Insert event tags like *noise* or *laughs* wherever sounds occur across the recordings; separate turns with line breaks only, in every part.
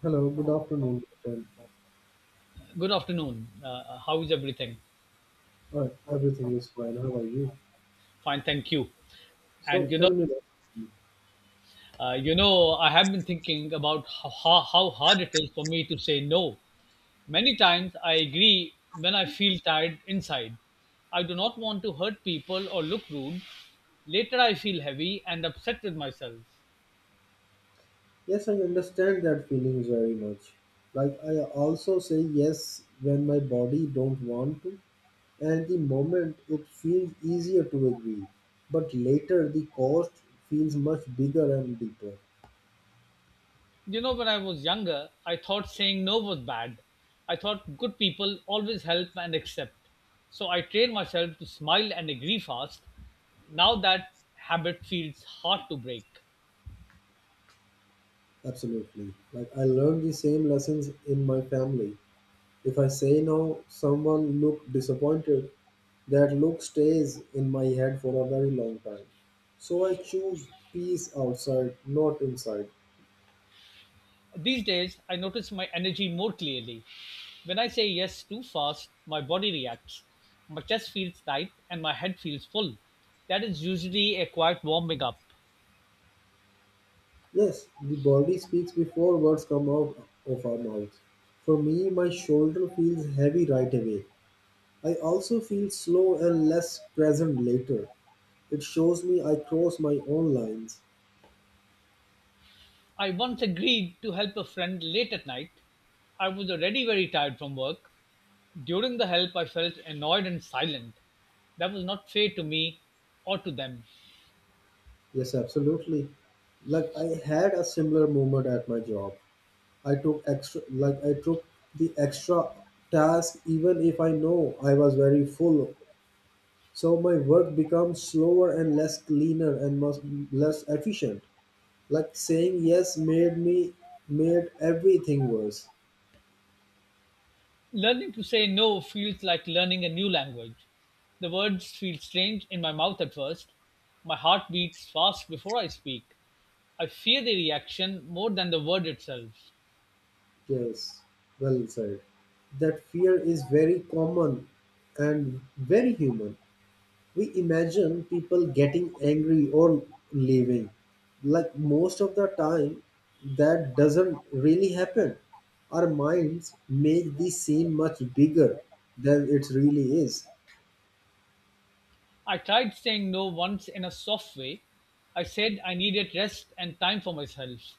Hello, good afternoon, friend.
Good afternoon. How is everything?
Everything is fine. How are you?
Fine, thank you.
So
And
tell me about you.
you know, I have been thinking about how hard it is for me to say no. Many times I agree when I feel tired inside. I do not want to hurt people or look rude. Later I feel heavy and upset with myself.
Yes, I understand that feeling very much. Like I also say yes when my body don't want to, and the moment it feels easier to agree, but later the cost feels much bigger and deeper.
When I was younger, I thought saying no was bad. I thought good people always help and accept. So I trained myself to smile and agree fast. Now that habit feels hard to break.
Absolutely. Like I learned the same lessons in my family. If I say no, someone looked disappointed. That look stays in my head for a very long time. So I choose peace outside, not inside.
These days, I notice my energy more clearly. When I say yes too fast, my body reacts. My chest feels tight and my head feels full. That is usually a quiet warming up.
Yes, the body speaks before words come out of our mouths. For me, my shoulder feels heavy right away. I also feel slow and less present later. It shows me I cross my own lines.
I once agreed to help a friend late at night. I was already very tired from work. During the help, I felt annoyed and silent. That was not fair to me or to them.
Yes, absolutely. Like I had a similar moment at my job. I took the extra task even if I know I was very full. So my work becomes slower and less cleaner and most less efficient. Like saying yes made everything worse.
Learning to say no feels like learning a new language. The words feel strange in my mouth at first. My heart beats fast before I speak. I fear the reaction more than the word itself.
Yes, well said. That fear is very common and very human. We imagine people getting angry or leaving. Like most of the time, that doesn't really happen. Our minds make this seem much bigger than it really is.
I tried saying no once in a soft way. I said I needed rest and time for myself.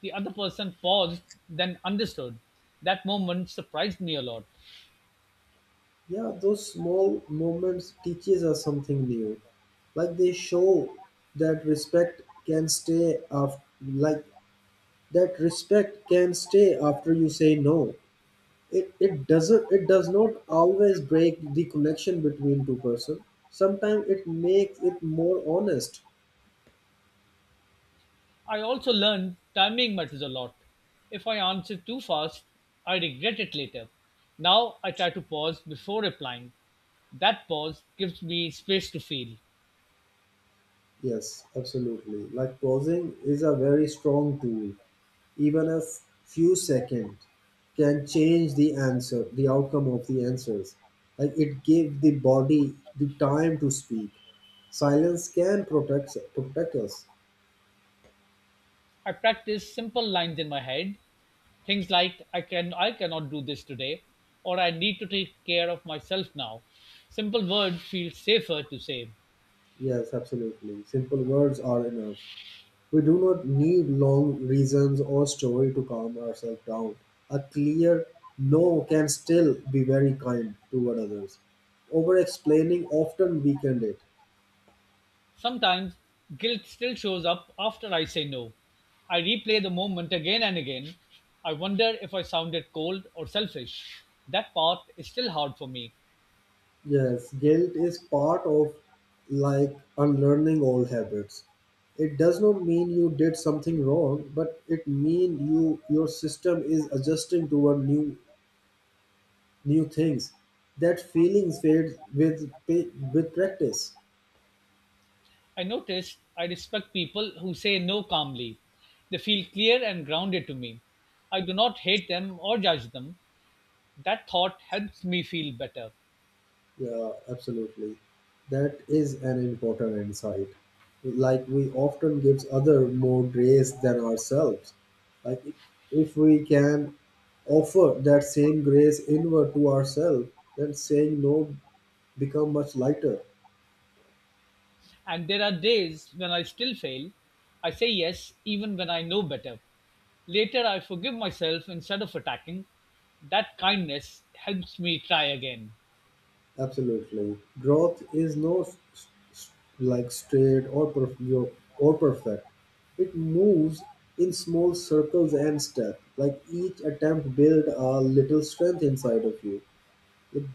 The other person paused, then understood. That moment surprised me a lot.
Yeah, those small moments teaches us something new. Like they show that respect can stay after, like that respect can stay after you say no. It does not always break the connection between two person. Sometimes it makes it more honest.
I also learned timing matters a lot. If I answer too fast, I regret it later. Now I try to pause before replying. That pause gives me space to feel.
Yes, absolutely. Like pausing is a very strong tool. Even a few seconds can change the outcome of the answers. Like it gives the body the time to speak. Silence can protect us.
I practice simple lines in my head, things like I cannot do this today or I need to take care of myself now. Simple words feel safer to say.
Yes, absolutely. Simple words are enough. We do not need long reasons or story to calm ourselves down. A clear no can still be very kind toward others. Over explaining often weaken it.
Sometimes guilt still shows up after I say no. I replay the moment again and again. I wonder if I sounded cold or selfish. That part is still hard for me.
Yes, guilt is part of like unlearning old habits. It does not mean you did something wrong, but it mean your system is adjusting toward new things. That feelings fade with practice.
I noticed I respect people who say no calmly. They feel clear and grounded to me. I do not hate them or judge them. That thought helps me feel better.
Yeah, absolutely. That is an important insight. Like we often gives other more grace than ourselves. Like if we can offer that same grace inward to ourselves, then saying no become much lighter.
And there are days when I still fail. I say yes even when I know better. Later, I forgive myself instead of attacking. That kindness helps me try again.
Absolutely, growth is no s- s- like straight or perf- yo- or perfect. It moves in small circles and steps. Like each attempt build a little strength inside of you.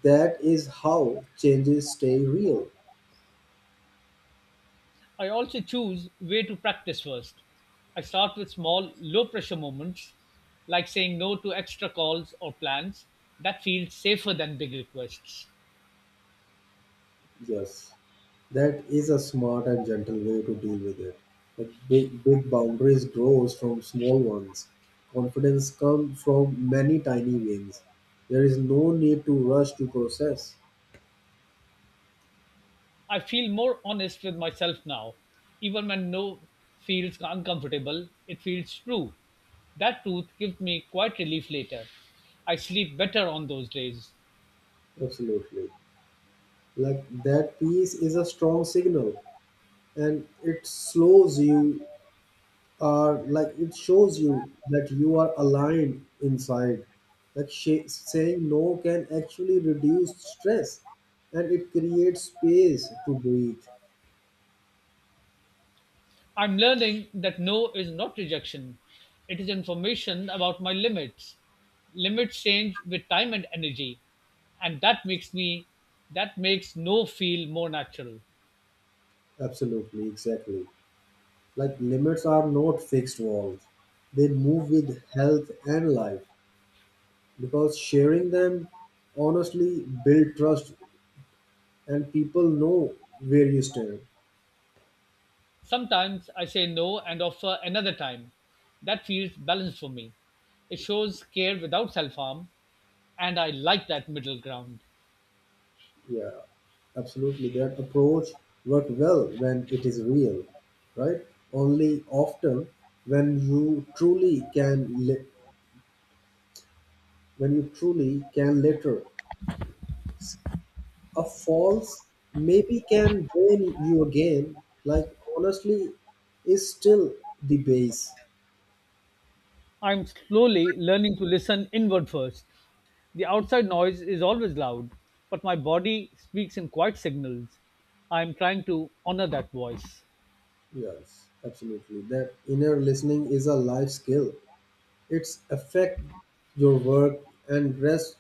That is how changes stay real.
I also choose where to practice first. I start with small, low pressure moments, like saying no to extra calls or plans. That feels safer than big requests.
Yes, that is a smart and gentle way to deal with it. Like big boundaries grows from small ones. Confidence comes from many tiny wins. There is no need to rush to process.
I feel more honest with myself now. Even when no feels uncomfortable, it feels true. That truth gives me quite relief later. I sleep better on those days.
Absolutely. Like that piece is a strong signal and it shows you that you are aligned inside. Saying no can actually reduce stress, and it creates space to breathe.
I'm learning that no is not rejection. It is information about my limits. Limits change with time and energy, and that makes no feel more natural.
Absolutely, exactly. Like limits are not fixed walls. They move with health and life, because sharing them honestly build trust, and people know where you stand.
Sometimes I say no and offer another time. That feels balanced for me. It shows care without self-harm, and I like that middle ground.
Yeah, absolutely. That approach worked well when it is real, right? Only often when you truly can li- when you truly can later, a false maybe can drain you again. Like honestly, is still the base.
I'm slowly learning to listen inward first. The outside noise is always loud, but my body speaks in quiet signals. I am trying to honor that voice.
Yes, absolutely. That inner listening is a life skill. It's affect your work and rest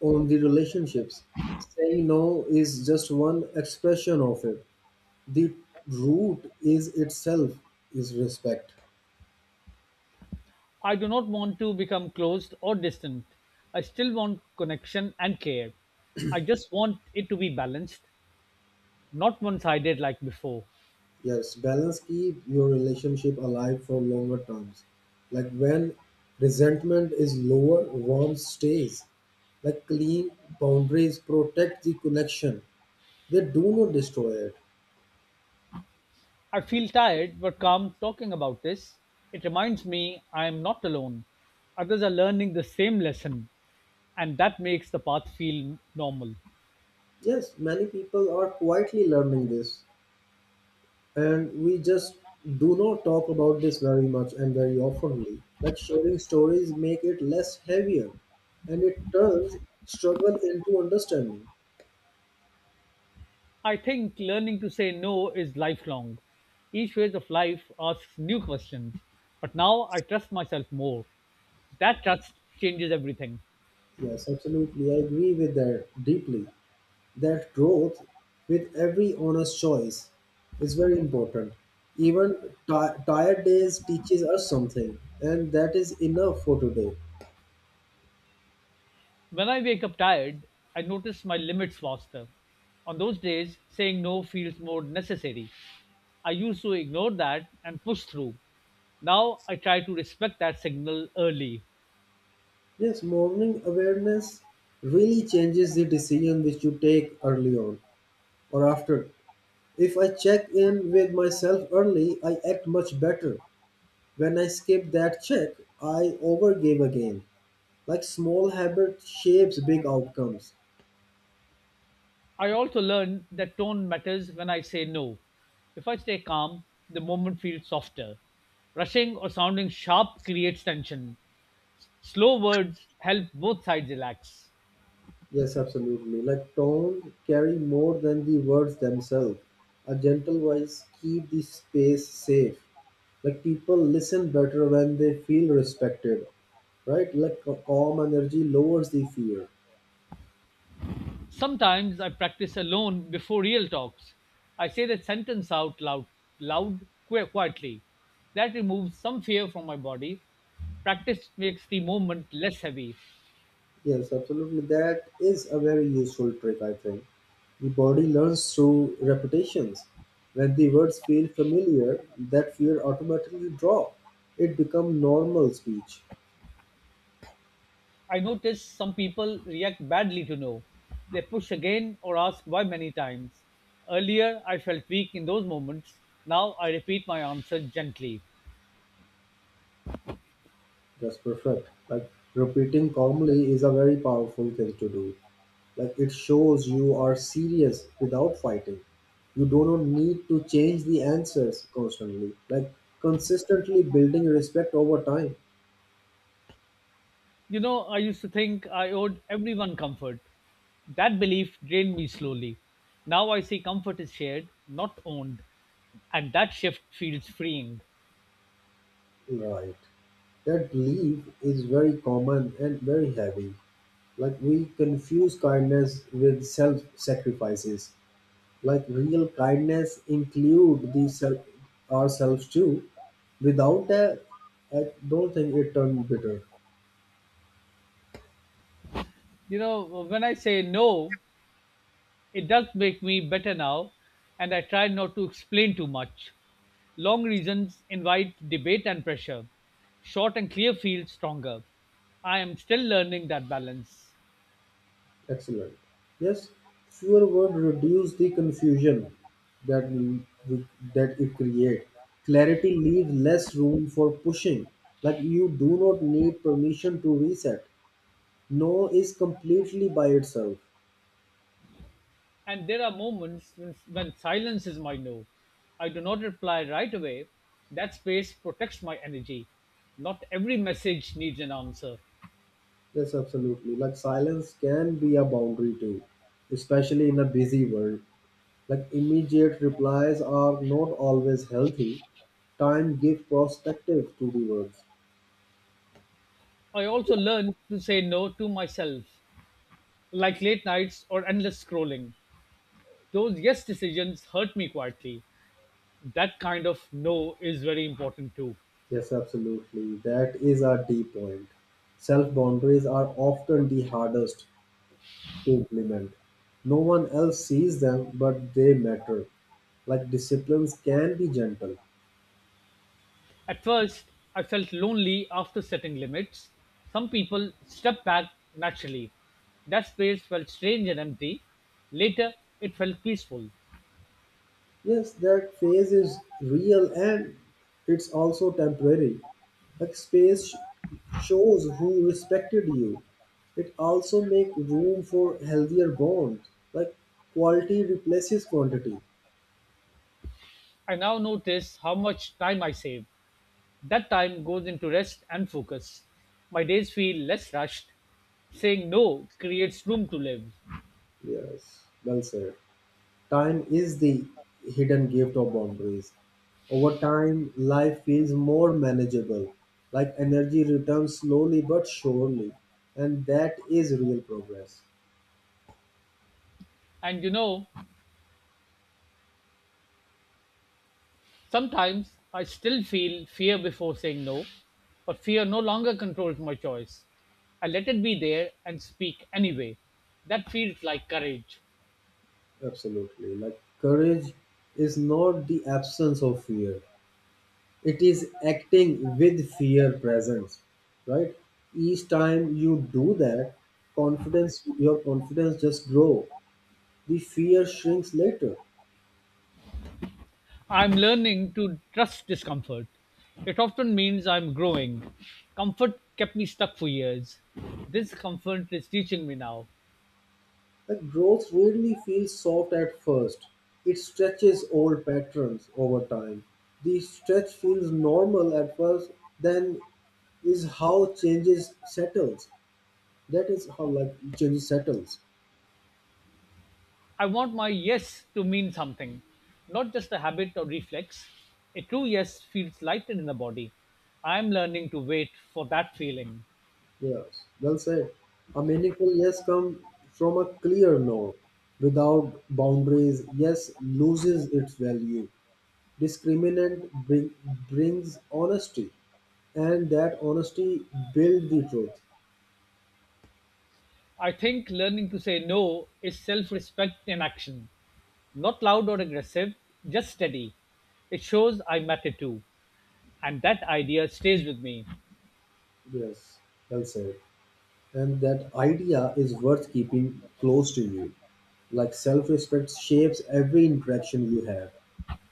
on the relationships. Saying no is just one expression of it. The root is respect.
I do not want to become closed or distant. I still want connection and care. I just want it to be balanced, not one sided like before.
Yes, balance keep your relationship alive for longer terms. Like when resentment is lower, warmth stays. Like clean boundaries protect the connection. They do not destroy it.
I feel tired but calm talking about this. It reminds me I am not alone. Others are learning the same lesson, and that makes the path feel normal.
Yes, many people are quietly learning this, and we just do not talk about this very much and very oftenly. Like sharing stories make it less heavier, and it turns struggle into understanding.
I think learning to say no is lifelong. Each phase of life asks new questions, but now I trust myself more. That trust changes everything.
Yes, absolutely, I agree with that deeply. That growth with every honest choice is very important. Even ti tired days teaches us something, and that is enough for today.
When I wake up tired, I notice my limits faster. On those days, saying no feels more necessary. I used to ignore that and push through. Now I try to respect that signal early.
Yes, morning awareness really changes the decision which you take early on or after. If I check in with myself early, I act much better. When I skip that check, I overgave again. Like small habit shapes big outcomes.
I also learned that tone matters when I say no. If I stay calm, the moment feels softer. Rushing or sounding sharp creates tension. Slow words help both sides relax.
Yes, absolutely. Like tone carry more than the words themselves. A gentle voice keep the space safe. Like people listen better when they feel respected, right? Like a calm energy lowers the fear.
Sometimes I practice alone before real talks. I say the sentence out loud, quietly. That removes some fear from my body. Practice makes the moment less heavy.
Yes, absolutely. That is a very useful trick, I think. The body learns through repetitions. When the words feel familiar, that fear automatically drop. It becomes normal speech.
I notice some people react badly to no. They push again or ask why many times. Earlier, I felt weak in those moments. Now I repeat my answer gently.
That's perfect. Like repeating calmly is a very powerful thing to do. Like it shows you are serious without fighting. You do not need to change the answers constantly. Like consistently building respect over time.
I used to think I owed everyone comfort. That belief drained me slowly. Now I see comfort is shared, not owned. And that shift feels freeing.
Right. That belief is very common and very heavy. Like we confuse kindness with self-sacrifices. Like real kindness include the self ourselves too. Without that, I don't think it turned bitter.
When I say no, it does make me better now, and I try not to explain too much. Long reasons invite debate and pressure. Short and clear feel stronger. I am still learning that balance.
Excellent. Yes, fewer words reduce the confusion that that it create. Clarity leaves less room for pushing. Like you do not need permission to reset. No is completely by itself.
And there are moments when silence is my no. I do not reply right away. That space protects my energy. Not every message needs an answer.
Yes, absolutely. Like silence can be a boundary too, especially in a busy world. Like immediate replies are not always healthy. Time gives perspective to the words.
I also learn to say no to myself, like late nights or endless scrolling. Those yes decisions hurt me quietly. That kind of no is very important too.
Yes, absolutely. That is a deep point. Self boundaries are often the hardest to implement. No one else sees them, but they matter. Like disciplines can be gentle.
At first, I felt lonely after setting limits. Some people stepped back naturally. That space felt strange and empty. Later, it felt peaceful.
Yes, that phase is real and it's also temporary. Like shows who respected you. It also make room for healthier bonds. Like quality replaces quantity.
I now notice how much time I save. That time goes into rest and focus. My days feel less rushed. Saying no creates room to live.
Yes, well said. Time is the hidden gift of boundaries. Over time, life feels more manageable. Like energy returns slowly but surely, and that is real progress.
And you know, Sometimes I still feel fear before saying no, but fear no longer controls my choice. I let it be there and speak anyway. That feels like courage.
Absolutely. Like courage is not the absence of fear. It is acting with fear presence, right? Each time you do that, confidence your confidence just grow. The fear shrinks later.
I'm learning to trust discomfort. It often means I'm growing. Comfort kept me stuck for years. This comfort is teaching me now.
Like growth really feels soft at first. It stretches old patterns over time. The stretch feels normal at first, then is how changes settles. That is how like changes settles.
I want my yes to mean something, not just a habit or reflex. A true yes feels lighter in the body. I'm learning to wait for that feeling.
Yes, well said. A meaningful yes comes from a clear no. Without boundaries, yes loses its value. Discriminant brings honesty, and that honesty builds the truth.
I think learning to say no is self respect in action. Not loud or aggressive, just steady. It shows I matter too. And that idea stays with me.
Yes, well said. And that idea is worth keeping close to you. Like self respect shapes every interaction you have.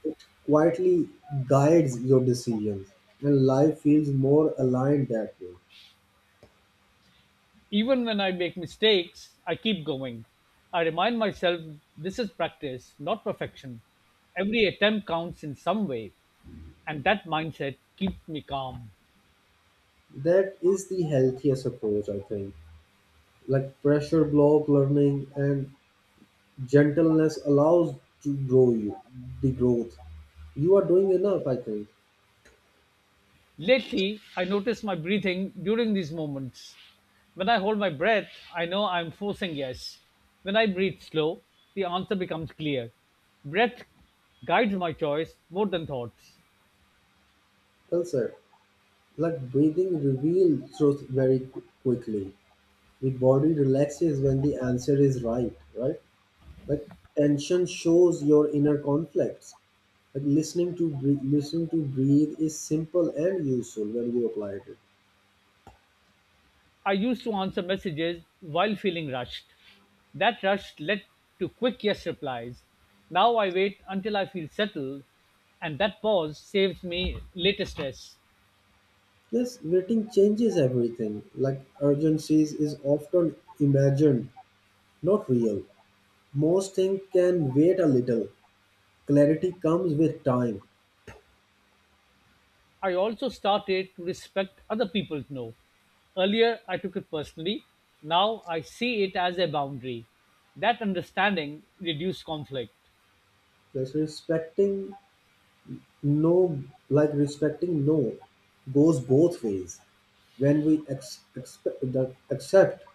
It quietly guides your decisions, and life feels more aligned that way.
Even when I make mistakes, I keep going. I remind myself this is practice, not perfection. Every attempt counts in some way. And that mindset keeps me calm.
That is the healthiest approach, I think. Like pressure block learning, and gentleness allows to grow you the growth. You are doing enough, I think.
Lately, I notice my breathing during these moments. When I hold my breath, I know I'm forcing yes. When I breathe slow, the answer becomes clear. Breath guides my choice more than thoughts.
Culture. Like breathing reveals truth very quickly. The body relaxes when the answer is right, right? Like tension shows your inner conflicts. Like listening to breathe is simple and useful when you apply it.
I used to answer messages while feeling rushed. That rush led to quick yes replies. Now I wait until I feel settled, and that pause saves me later stress.
Yes, waiting changes everything. Like urgencies is often imagined, not real. Most things can wait a little. Clarity comes with time.
I also started to respect other people's no. Earlier, I took it personally. Now, I see it as a boundary. That understanding reduced conflict.
Just respecting no, like respecting no goes both ways. When we accept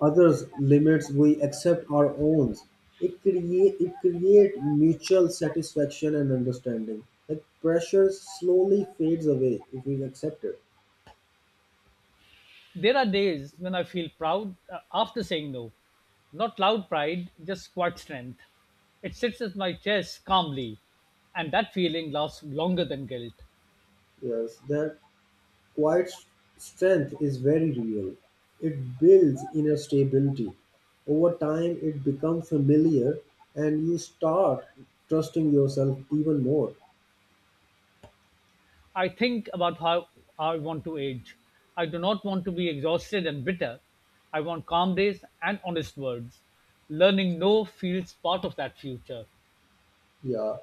others' limits, we accept our own. It create mutual satisfaction and understanding. Like pressure slowly fades away if we accept it.
There are days when I feel proud after saying no. Not loud pride, just quiet strength. It sits at my chest calmly, and that feeling lasts longer than guilt.
Yes, that Quiet strength is very real. It builds inner stability. Over time, it becomes familiar, and you start trusting yourself even more.
I think about how I want to age. I do not want to be exhausted and bitter. I want calm days and honest words. Learning no feels part of that future.
Yeah,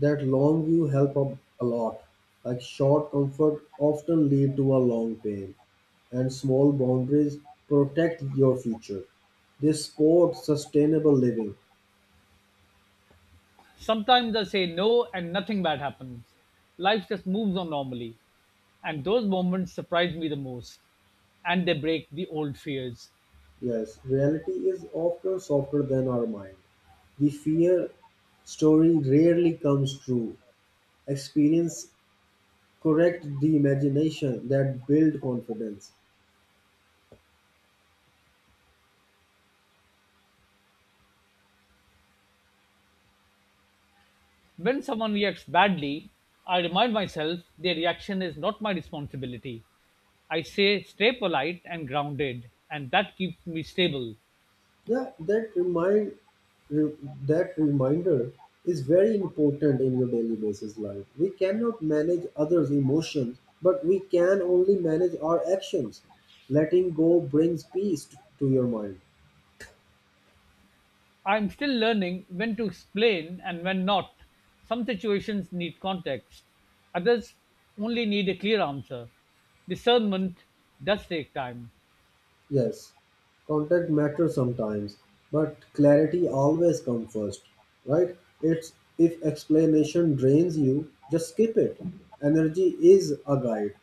that long view a lot. Like short comfort often lead to a long pain, and small boundaries protect your future. This supports sustainable living.
Sometimes I say no and nothing bad happens. Life just moves on normally. And those moments surprise me the most. And they break the old fears.
Yes, reality is often softer than our mind. The fear story rarely comes true. Experience correct the imagination that build confidence.
When someone reacts badly, I remind myself their reaction is not my responsibility. I say stay polite and grounded, and that keeps me stable.
Yeah, re- that reminder is very important in your daily basis life. We cannot manage others' emotions, but we can only manage our actions. Letting go brings peace to your mind.
I'm still learning when to explain and when not. Some situations need context, others only need a clear answer. Discernment does take time.
Yes, contact matters sometimes, but clarity always comes first, right? It's if explanation drains you, just skip it. Energy is a guide.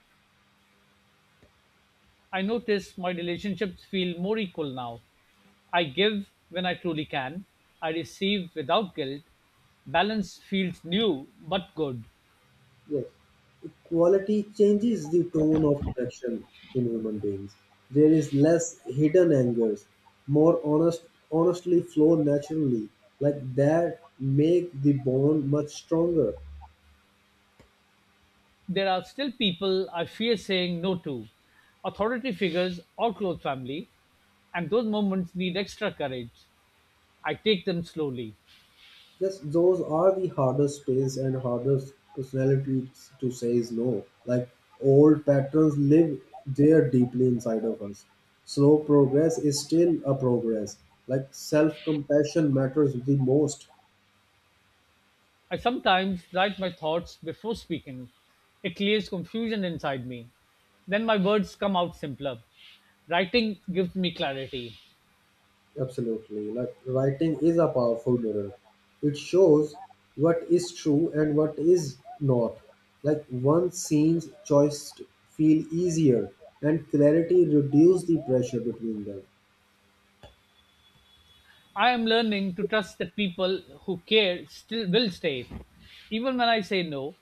I notice my relationships feel more equal now. I give when I truly can. I receive without guilt. Balance feels new but good.
Yes, quality changes the tone of connection in human beings. There is less hidden angers, more honest, honestly flow naturally. Like that, make the bond much stronger.
There are still people I fear saying no to, authority figures or close family, and those moments need extra courage. I take them slowly.
Yes, those are the hardest space and hardest personalities to say is no. Like old patterns live there deeply inside of us. Slow progress is still a progress. Like self compassion matters the most.
I sometimes write my thoughts before speaking. It clears confusion inside me. Then my words come out simpler. Writing gives me clarity.
Absolutely. Like writing is a powerful mirror. It shows what is true and what is not. Like one scene's choice feel easier, and clarity reduce the pressure between them.
I am learning to trust that people who care still will stay. Even when I say no,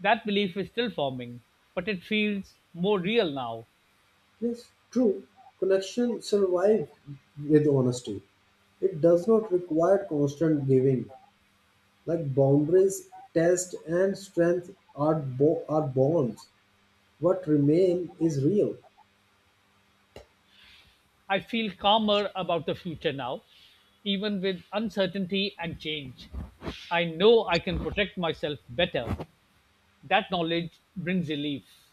that belief is still forming, but it feels more real now.
Yes, true. Connection survive with honesty. It does not require constant giving. Like boundaries, test, and strength are bonds. What remain is real.
I feel calmer about the future now, even with uncertainty and change. I know I can protect myself better. That knowledge brings relief.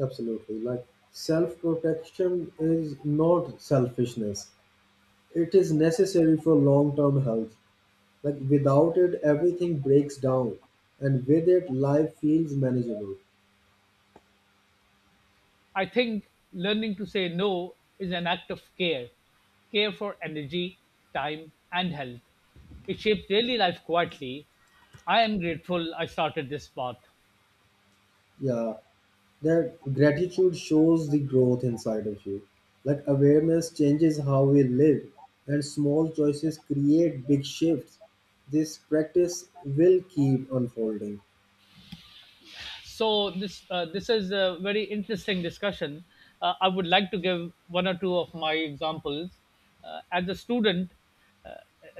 Absolutely. Like self-protection is not selfishness. It is necessary for long-term health. Like without it, everything breaks down, and with it, life feels manageable.
I think learning to say no is an act of care, care for energy, time, and health. It shapes daily life quietly. I am grateful I started this path.
Yeah. That gratitude shows the growth inside of you. Like, awareness changes how we live, and small choices create big shifts. This practice will keep unfolding.
So this is a very interesting discussion. I would like to give one or two of my examples. As a student, uh,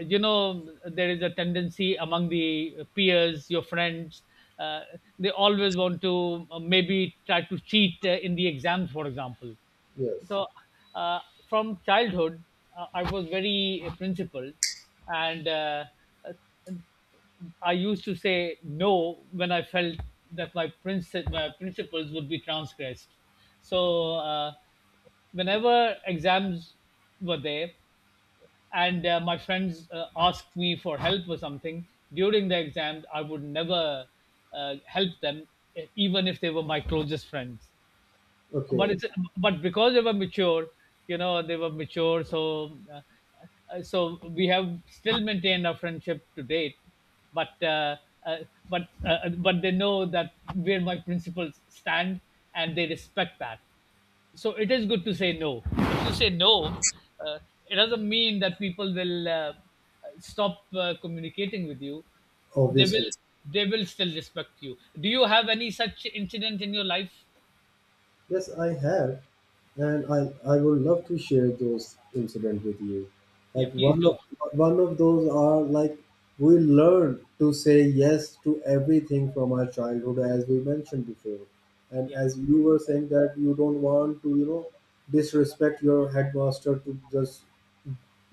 there is a tendency among the peers, your friends. Uh, they always want to maybe try to cheat in the exams, for example.
Yes.
So, uh, from childhood, I was very principled, and I used to say no when I felt that my principles would be transgressed. So, whenever exams were there, and my friends asked me for help or something during the exams, I would never help them, even if they were my closest friends, but
Okay.
it's but because they were mature, you know, they were mature. So we have still maintained our friendship to date. But uh, uh, but uh, but they know that where my principles stand, and they respect that. So it is good to say no. If you say no, uh, it doesn't mean that people will stop communicating with you. they
Obviously.
will they will still respect you. Do you have any such incident in your life?
Yes, I have, and I would love to share those incident with you.
Yeah,
Like
please
one of
do.
one of those are like we learn to say yes to everything from our childhood, as we mentioned before, and
Yeah.
as you were saying that you don't want to, disrespect your headmaster to just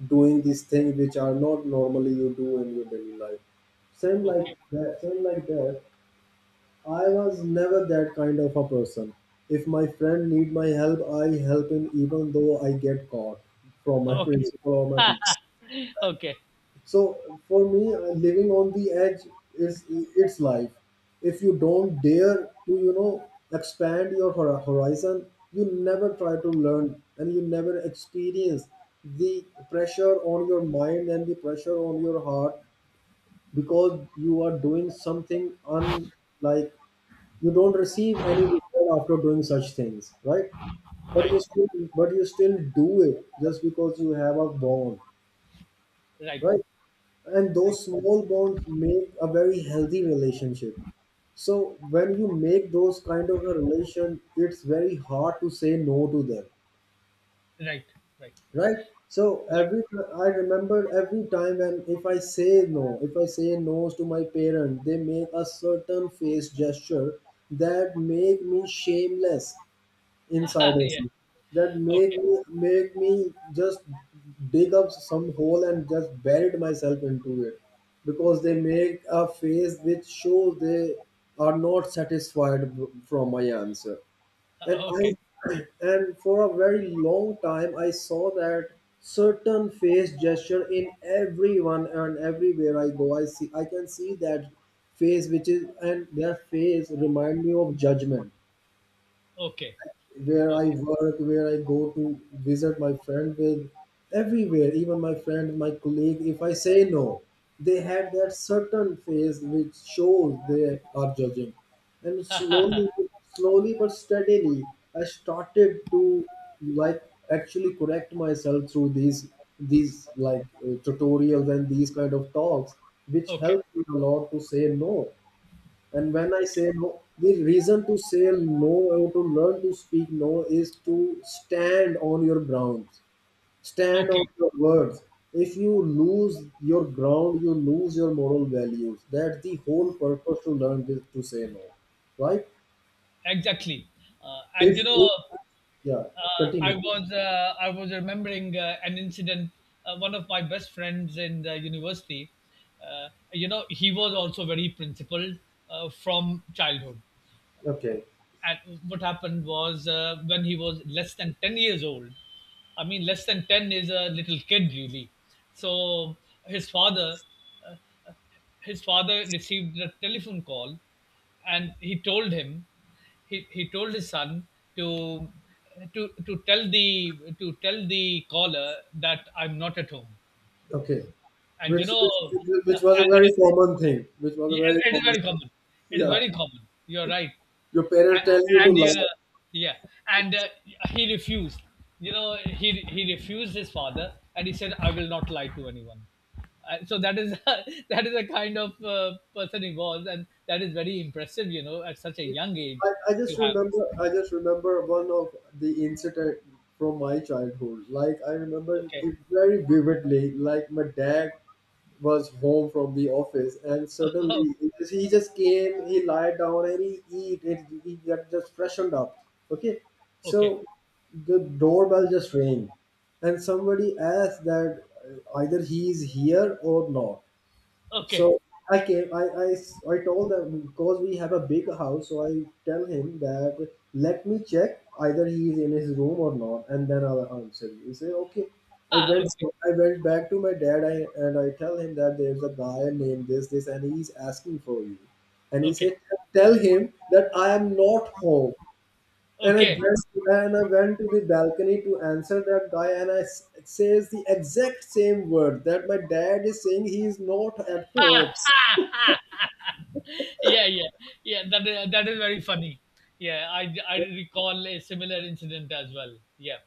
doing these things which are not normally you do in your daily life. Same
Okay.
like that. Same like that, I was never that kind of a person. If my friend need my help, I help him even though I get caught from my *laughs* principal or
Okay.
my teacher.
*laughs* Okay.
So for me, living on the edge is it's life. If you don't dare to, you know, expand your horizon, you never try to learn and you never experience the pressure on your mind and the pressure on your heart because you are doing something unlike, you don't receive any reward after doing such things, right? But you
Right.
still, but you still do it just because you have a bond,
Right.
right? And
Right.
those small bonds make a very healthy relationship. So when you make those kind of a relation, it's very hard to say no to them,
Right. Right.
right? So
Right.
I remember every time when, if I say no, if I say no to my parent, they make a certain face gesture that make me shameless inside
*laughs*
of
Yeah.
me, that make
Okay.
me just dig up some hole and just buried myself into it, because they make a face which shows they are not satisfied from my answer. And I
Okay.
and for a very long time I saw that certain face gesture in everyone, and everywhere I go, I see, I can see that face which is, and their face remind me of judgment.
Okay.
Where I
Okay.
work, where I go to visit my friend with, everywhere, even my friend, my colleague, if I say no, they have that certain face which shows they are judging. And slowly, slowly but steadily, I started to, like, actually correct myself through these like tutorials and these kind of talks, which
Okay.
helped me a lot to say no. And when I say
Okay.
no, the reason to say no or to learn to speak no is to stand on your ground, stand on
Okay.
your words. If you lose your ground, you lose your moral values. That's the whole purpose to learn this, to say no, right?
Exactly. Uh, and you
If,
know,
if yeah,
uh, I
continue please.
was uh, I was remembering an incident. One of my best friends in the university. He was also very principled from childhood
Okay,
at what happened was when he was less than 10 years old. I mean less than 10 is a little kid, really. So his father uh, received a telephone call, and he told his son to to tell the caller that I'm not at home.
okay.
And you
Which,
know
which which was a very common thing. Which was a
Yes,
very
it is
common.
very
Thing.
common. It is
Yeah,
very common. You're right.
your parents
And,
tell you to
and
lie.
yeah. And he refused. He refused his father, and he said, "I will not lie to anyone." So that is *laughs* that is a kind of person he was, and that is very impressive. At such a young
I,
age
I
to
just
have.
remember, I just remember one of the incident from my childhood. Like, I remember
Okay,
it very vividly. Like, my dad was home from the office, and suddenly he just came, he lied down and he eat and he got just freshened up. Okay.
*laughs* okay, okay,
So the doorbell just rang and somebody asked that either he is here or not.
okay,
So I came, I told them, because we have a big house, so I tell him that let me check either he is in his room or not, and then I'll answer you. He said okay. I
ah,
went,
okay,
I went back to my dad, and I tell him that there's a guy named this, this, and he's asking for you. And he
okay,
said, tell him that I am not home. And I
okay.
dressed, and I went to the balcony to answer that guy, and I it says the exact same word that my dad is saying, he is not at
*laughs* ha
home.
ha ha. Ha. Yeah, yeah, yeah, that is very funny, yeah. I recall a similar incident as well, yeah.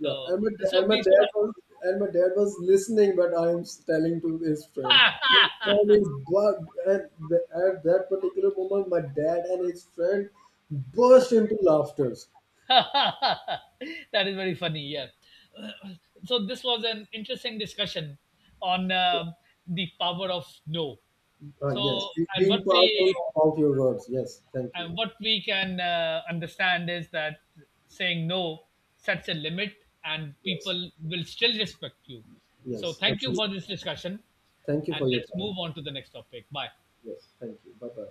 Yeah,
so
and my,
so
and my
these
dad
were
was and my dad was listening, but I'm telling to his friend. So
*laughs*
Tom is bugged, and the, at that particular moment, my dad and his friend burst into laughter.
that is very funny, yeah. So this was an interesting discussion on
Yeah.
the power of no.
Uh, yes,
So
be-
and what
being
we
powerful about your words. Yes, thank you.
And what we can understand is that saying no sets a limit and
Yes,
people will still respect you. So,
yes,
thank you
absolutely.
for this discussion.
Thank you for
And
your
let's
time.
move on to the next topic. Bye.
Yes, thank you. Bye bye.